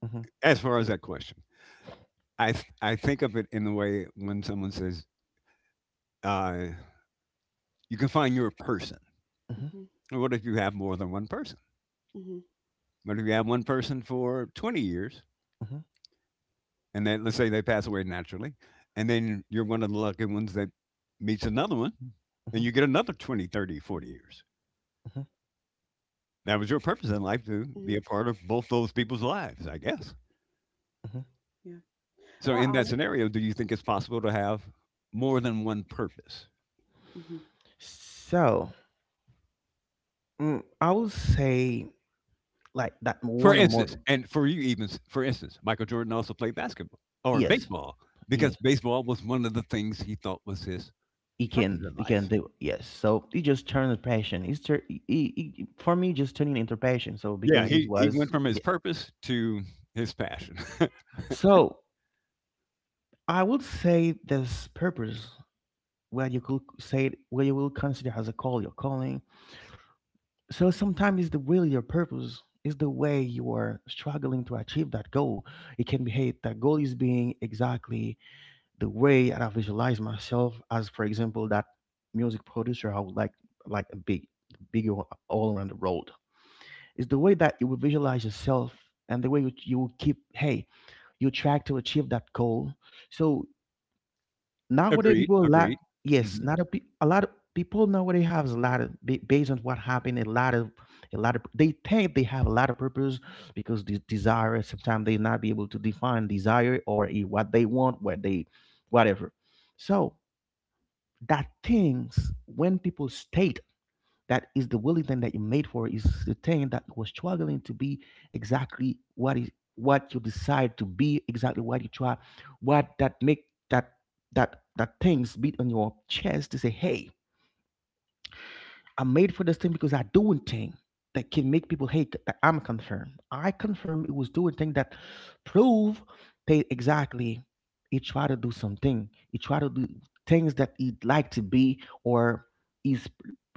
Uh. Uh huh. Huh. As far as that question, I think of it in the way when someone says uh, you can find your person. Huh. Mhm. What if you have more than one person? mhm, What if you have one person for 20 years, Uh huh. and then let's say they pass away naturally, and then you're one of the lucky ones that meets another one, and Uh you get another 20, 30, 40 mhm, years. huh. That was your purpose in life to mhm. be a part of both those people's lives, I guess. Uh huh. Yeah. So, I in that honor. scenario, do you think it's possible to have more than one purpose? Mhm, So, I would say like that For one or more. instance, and for you, for instance, Michael Jordan also played basketball or Yes, baseball yes, because baseball was one of the things he thought was his he purpose can, in he can life. do. It. Yes, so he just turned the passion. He's tur- he- For me, just turning into passion. So Yeah, because it he went was, from his purpose to his passion. so I would say there's purpose where you could say it, where you will consider as a call, your calling. So sometimes it's the will, your purpose is the way you are struggling to achieve that goal. It can be, hey, that goal is being exactly the way that I visualize myself as, for example, that music producer. I would like a big bigger all around the world. It's the way that you will visualize yourself, and the way you will keep, hey, you track to achieve that goal. So nowadays Agreed, people a lot, agreed. yes, Mhm. not a, pe- a lot of people nowadays have a lot of, based on what happened, a lot of they think they have a lot of purpose, because this desire sometimes they not be able to define desire, or what they want, whatever. So that things when people state, that is the willing thing that you made for, is the thing that was struggling to be exactly what is, what you decide to be exactly what you try, what that make that, that things beat on your chest to say, hey, I'm made for this thing, because I doing thing that can make people hate that I'm confirmed. I confirm it was doing thing that prove they exactly. He try to do something. He try to do things that he'd like to be, or his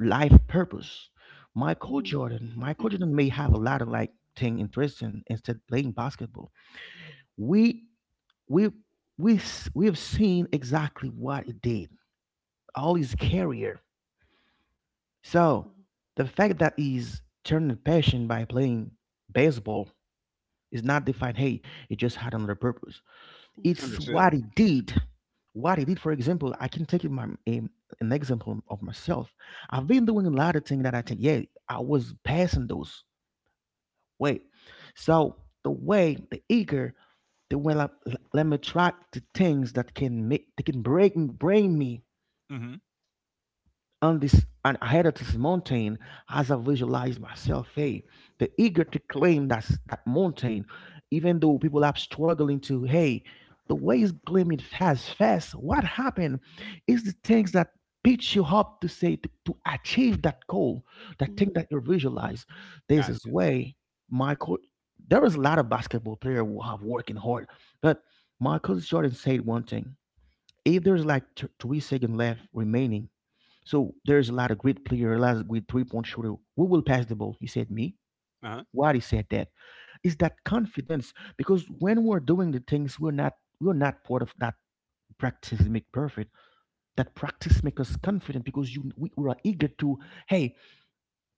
life purpose. Michael Mhm. Jordan, Michael Jordan may have a lot of like thing interesting instead playing basketball. We we we have seen exactly what he did all his career, so Mhm. the fact that he's turned passion by playing baseball is not defined, hey, it just had another purpose. Mhm. It's Understood. what he did. What he did, for example, I can take it my, an example of myself. I've been doing a lot of things that I think, yeah, I was passing those. Wait. So, the way, the eager, the way, let me try the things that can make, that can break, bring me Mhm. on this and ahead of this mountain, as I visualize myself, hey, the eager to claim that's that mountain, even though people are struggling to, hey, the way is gleaming fast, fast. What happened is the things that pitch you up to say to achieve that goal, that thing Mhm. that you visualize. This is Gotcha. way Michael. There is a lot of basketball player who have working hard, but Michael Jordan said one thing: if there's like 3 seconds left remaining, so there's a lot of great player, a lot of great three-point shooter. Who will pass the ball? He said me. Uh-huh. Why he said that? Is that confidence? Because when we're doing the things, we're not part of that practice make perfect. That practice make us confident because we are eager to, hey,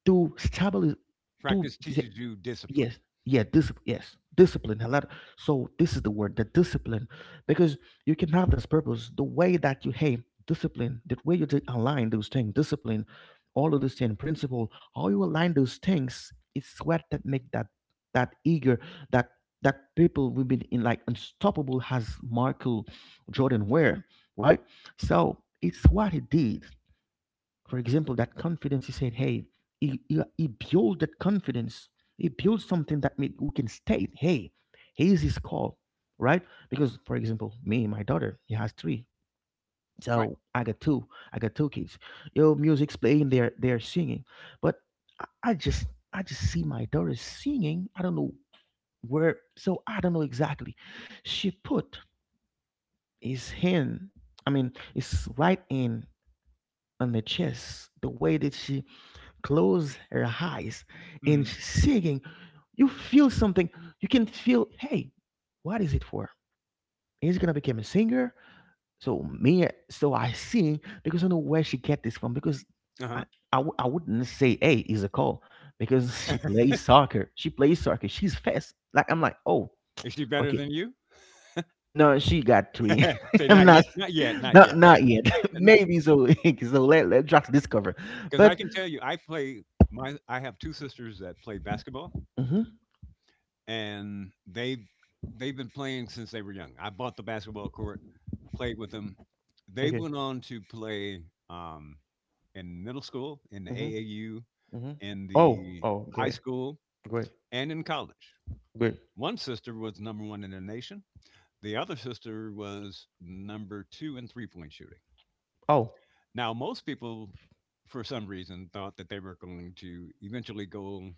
to stabilize, to Practice teaches you discipline. yes, yeah, yes, discipline a lot. So this is the word, the discipline, because you can have this purpose, the way that you, hey, discipline, the way you align those things, discipline, all of those things, principle, how you align those things. It's what that make that, that eager, that that people will be in like unstoppable, has Michael Jordan wear, right? So it's what he did. For example, that confidence, he said, hey, he built that confidence. He built something that made, we can state, hey, here's his call, right? Because, for example, me, my daughter, he has three. Right. So I got two. I got two kids. Yo, music's playing, they're singing. But I, I just I just see my daughter singing. I don't know where, so I don't know exactly. She put his hand, I mean, his right hand on the chest, the way that she close her eyes and Mhm. she's singing, you feel something. You can feel, hey, what is it for? Is it gonna become a singer? So me, so I sing because I know where she get this from. Because Uh-huh. I, I wouldn't say, hey, is a call, because she plays soccer. She plays soccer. She's fast. Like I'm like, oh, Is she better okay. than you? No, she got three. Say, I'm "Not not, yet, not yet, not yet, not, not yet. not yet." Maybe so. So let Drax discover. Because I But can tell you, I play my I have 2 sisters that play basketball, mhm, and they've been playing since they were young. I bought the basketball court, played with them. They okay. went on to play, um, in middle school, in the Mhm. AAU, Hmm. in Oh, the oh, high great, school, great, and in college. great. One sister was number one in the nation. The other sister was number two in three point shooting. Oh. Now, most people, for some reason, thought that they were going to eventually go.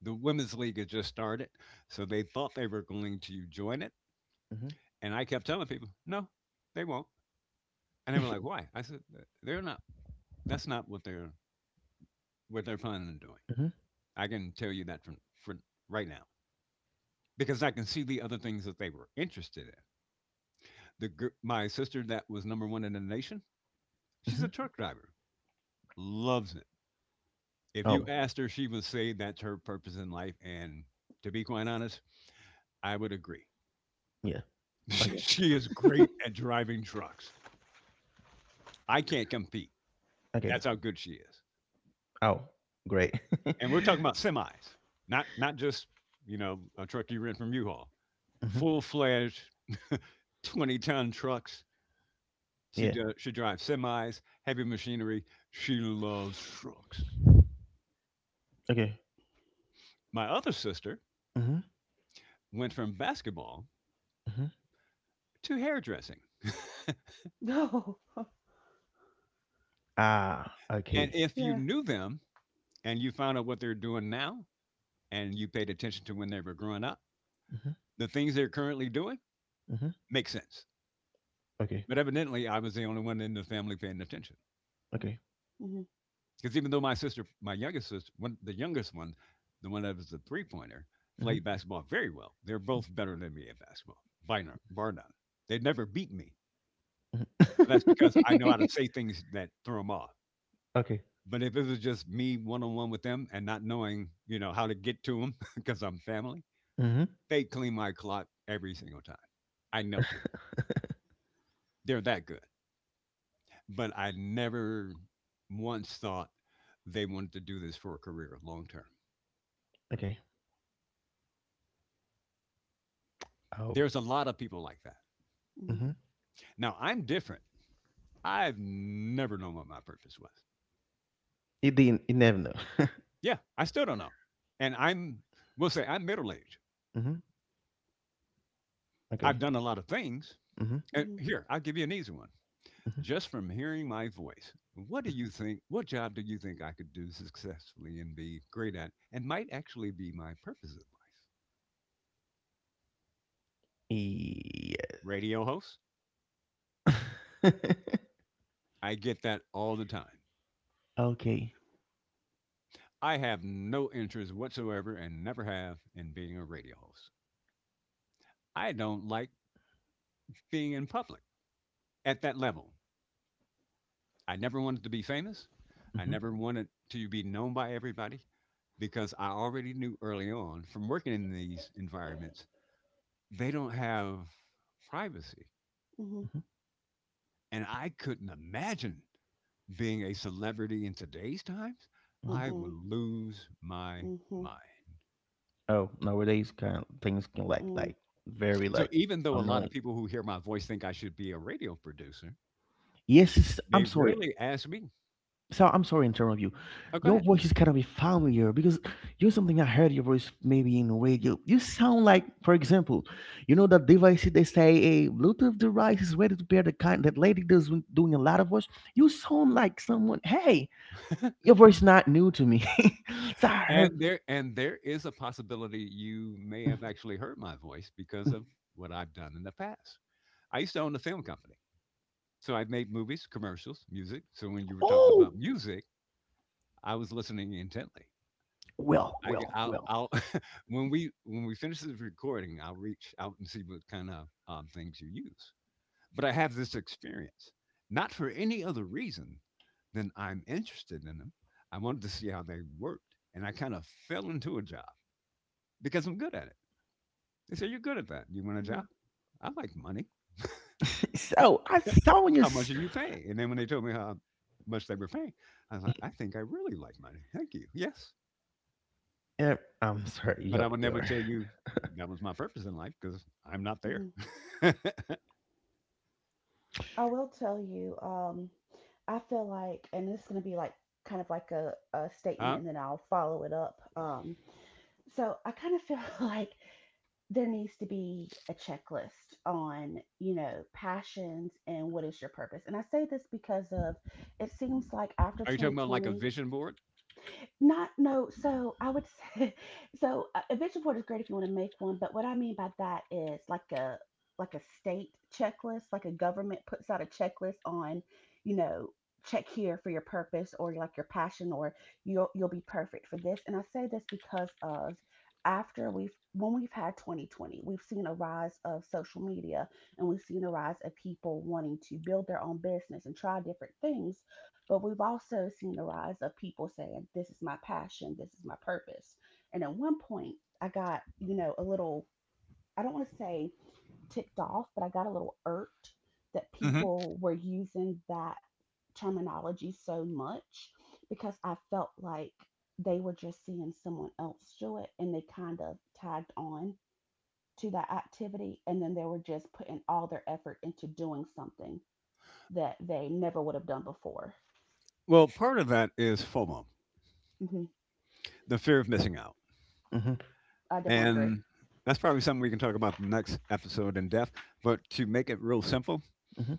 The women's league had just started, so they thought they were going to join it. Hmm. And I kept telling people, no, they won't. And they were like, why? I said, they're not. That's not what they're planning on doing. Hmm. I can tell you that for right now, because I can see the other things that they were interested in. My sister that was number one in the nation, she's a Hmm. truck driver, loves it. If you Oh, asked her, she would say that's her purpose in life. And to be quite honest, I would agree. yeah. Oh, Mhm. She is yeah. great at driving trucks. I can't compete. Okay, That's how good she is. oh, great. And we're talking about semis, not just, you know, a truck you rent from U-Haul, Hmm. full fledged, 20 ton trucks. Yeah. She drives semis, heavy machinery. She loves trucks. Okay. My other sister Hmm. went from basketball Hmm. to hairdressing. Oh, Ah, And okay. if you yeah. knew them and you found out what they're doing now and you paid attention to when they were growing up, Hmm. the things they're currently doing Hmm. make sense. Okay. But evidently, I was the only one in the family paying attention. Okay. Mhm. Because even though my sister, my youngest sister, one, the youngest one, the one that was the three pointer, Hmm. played basketball very well, they're both better than me at basketball, by no- bar none. They'd never beat me. Hmm. But that's because I know how to say things that throw them off. Okay. But if it was just me one on one with them and not knowing, you know, how to get to them, because I'm family, Hmm. they clean my clock every single time. I know that they're that good. But I never once thought they wanted to do this for a career long term. Okay. Oh. There's a lot of people like that. Mhm. Hmm. Now I'm different. I've never known what my purpose was. It didn't. It never know. Yeah, I still don't know. And we'll say I'm middle aged. Hmm. Okay. I've done a lot of things. Hmm. And Mhm. here, I'll give you an easy one. Hmm. Just from hearing my voice, what do you think? What job do you think I could do successfully and be great at, and might actually be my purpose in life? Yeah. Radio host. I get that all the time. Okay. I have no interest whatsoever and never have in being a radio host. I don't like being in public at that level. I never wanted to be famous. I Hmm. never wanted to be known by everybody because I already knew early on from working in these environments, they don't have privacy. Mhm. Hmm. And I couldn't imagine being a celebrity in today's times. Hmm. I would Mm-mm. lose my Mhm. mind. Oh, nowadays kind of things can like Mm-mm. Very So like even though a lot of annoying. people who hear my voice think I should be a radio producer, Yes, I'm they sorry. rarely ask me. So I'm sorry in terms of you. Oh, go Your ahead. voice is kind of familiar, because you're something I heard your voice maybe in radio. You sound like, for example, you know that device they say a Bluetooth device is ready to pair, the kind that lady does when doing a lot of voice. You sound like someone. Hey, your voice is not new to me. So I heard. And there is a possibility you may "Mm, have actually heard my voice because mm." of what I've done in the past. I used to own a film company. So I've made movies, commercials, music. So when you were talking Oh, about music, I was listening intently. well, I g- well, well. I'll when we finish this recording, I'll reach out and see what kind of things you use. But I have this experience, not for any other reason than I'm interested in them. I wanted to see how they worked, and I kind of fell into a job because I'm good at it. They said, "You're good at that. You want a Mhm, job? I like money. So I saw you. How much do you pay?" And then when they told me how much they were paying, I was like, "I think I really like money. Thank you. Yes." uh, I'm sorry, But Your I would never your. tell you that was my purpose in life because I'm not there. mhm. I will tell you, I feel like, and this is going to be like kind of like a statement, Huh? and then I'll follow it up. So I kind of feel like there needs to be a checklist on, you know, passions and what is your purpose. And I say this because of, it seems like after Are you talking about like a 2020. vision board? Not no. So I would say, so a vision board is great if you want to make one. But what I mean by that is like a, like a state checklist, like a government puts out a checklist on, you know, check here for your purpose or like your passion or you'll be perfect for this. And I say this because of, after we've, when we've had 2020, we've seen a rise of social media and we've seen a rise of people wanting to build their own business and try different things, but we've also seen the rise of people saying, "This is my passion, this is my purpose." And at one point, I got, you know, a little, I don't want to say ticked off, but I got a little irked that hmm people were using that terminology so much because I felt like they were just seeing someone else do it and they kind of tagged on to that activity. And then they were just putting all their effort into doing something that they never would have done before. Well, part of that is FOMO, Hmm the fear of missing out. Mm-hmm. I definitely agree. And that's probably something we can talk about the next episode in depth. But to make it real simple, Mm-hmm.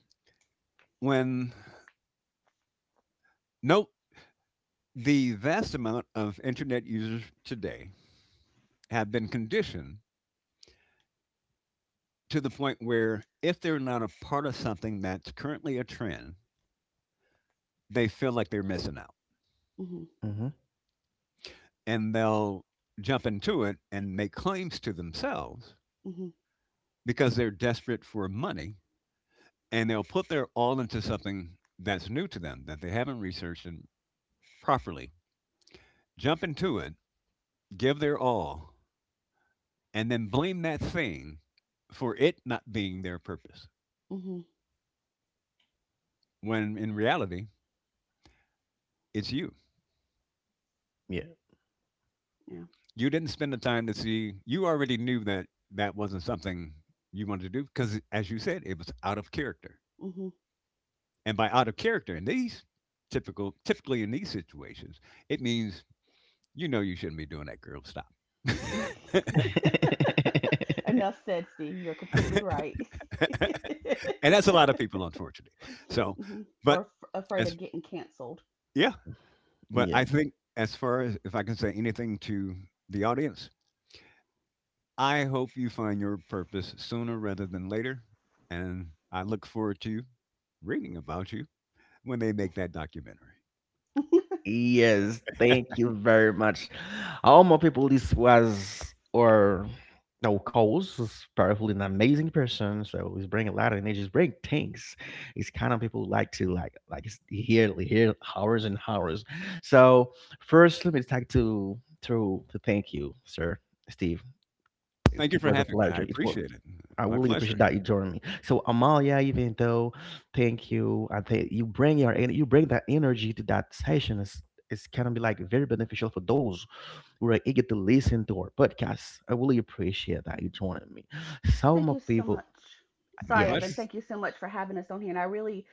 when note the vast amount of internet users today have been conditioned to the point where if they're not a part of something that's currently a trend, they feel like they're missing out. Mhm. Mm-hmm. And they'll jump into it and make claims to themselves Mhm. because they're desperate for money, and they'll put their all into something that's new to them that they haven't researched, and properly jump into it, give their all, and then blame that thing for it not being their purpose, Mhm. when in reality it's you. Yeah. Yeah. You didn't spend the time to see. You already knew that that wasn't something you wanted to do, because, as you said, it was out of character. Mhm. And by out of character in these typically in these situations, it means, you know, you shouldn't be doing that. Girl, stop. Enough said, Steve. You're completely right. And that's a lot of people, unfortunately. So, hmm but Or, afraid as of getting canceled. yeah, but I Yeah. think as far as, if I can say anything to the audience, I hope you find your purpose sooner rather than later, and I look forward to reading about you when they make that documentary. Yes. Thank you very much. All my people, this was, or no, Coles is powerful an amazing person. So he's bringing a lot of energy. He's bringing things. It's kind of people who like to hear hours and hours. So first, let me talk to thank you, sir, Steve. It Thank you it for was a having me. I pleasure. It was. appreciate it. I My really appreciate pleasure. that you joined me. So Amalia, even though, thank you. I think you bring that energy to that session. It's kind of be like very beneficial for those who are eager to listen to our podcast. I really appreciate that you joining me. So Thank my you so people, much. My Sorry, Evan. pleasure. yes. Thank you so much for having us on here, and I really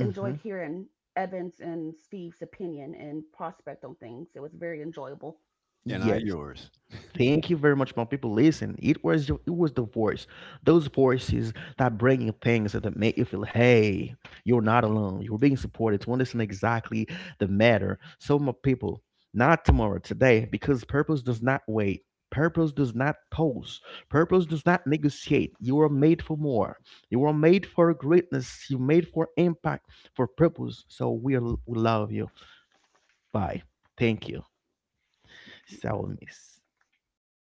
enjoyed hearing Evan's and Steve's opinion and prospect on things. It was very enjoyable. And I Yes. yours. Thank you very much, my people. Listen, it was the voice, those voices that bring you things that make you feel, hey, you're not alone. You're being supported, to understand exactly the matter. So, my people, not tomorrow, today, because purpose does not wait. Purpose does not pause. Purpose does not negotiate. You are made for more. You are made for greatness. You're made for impact, for purpose. So we love you. Bye. Thank you. So miss. Okay. Thank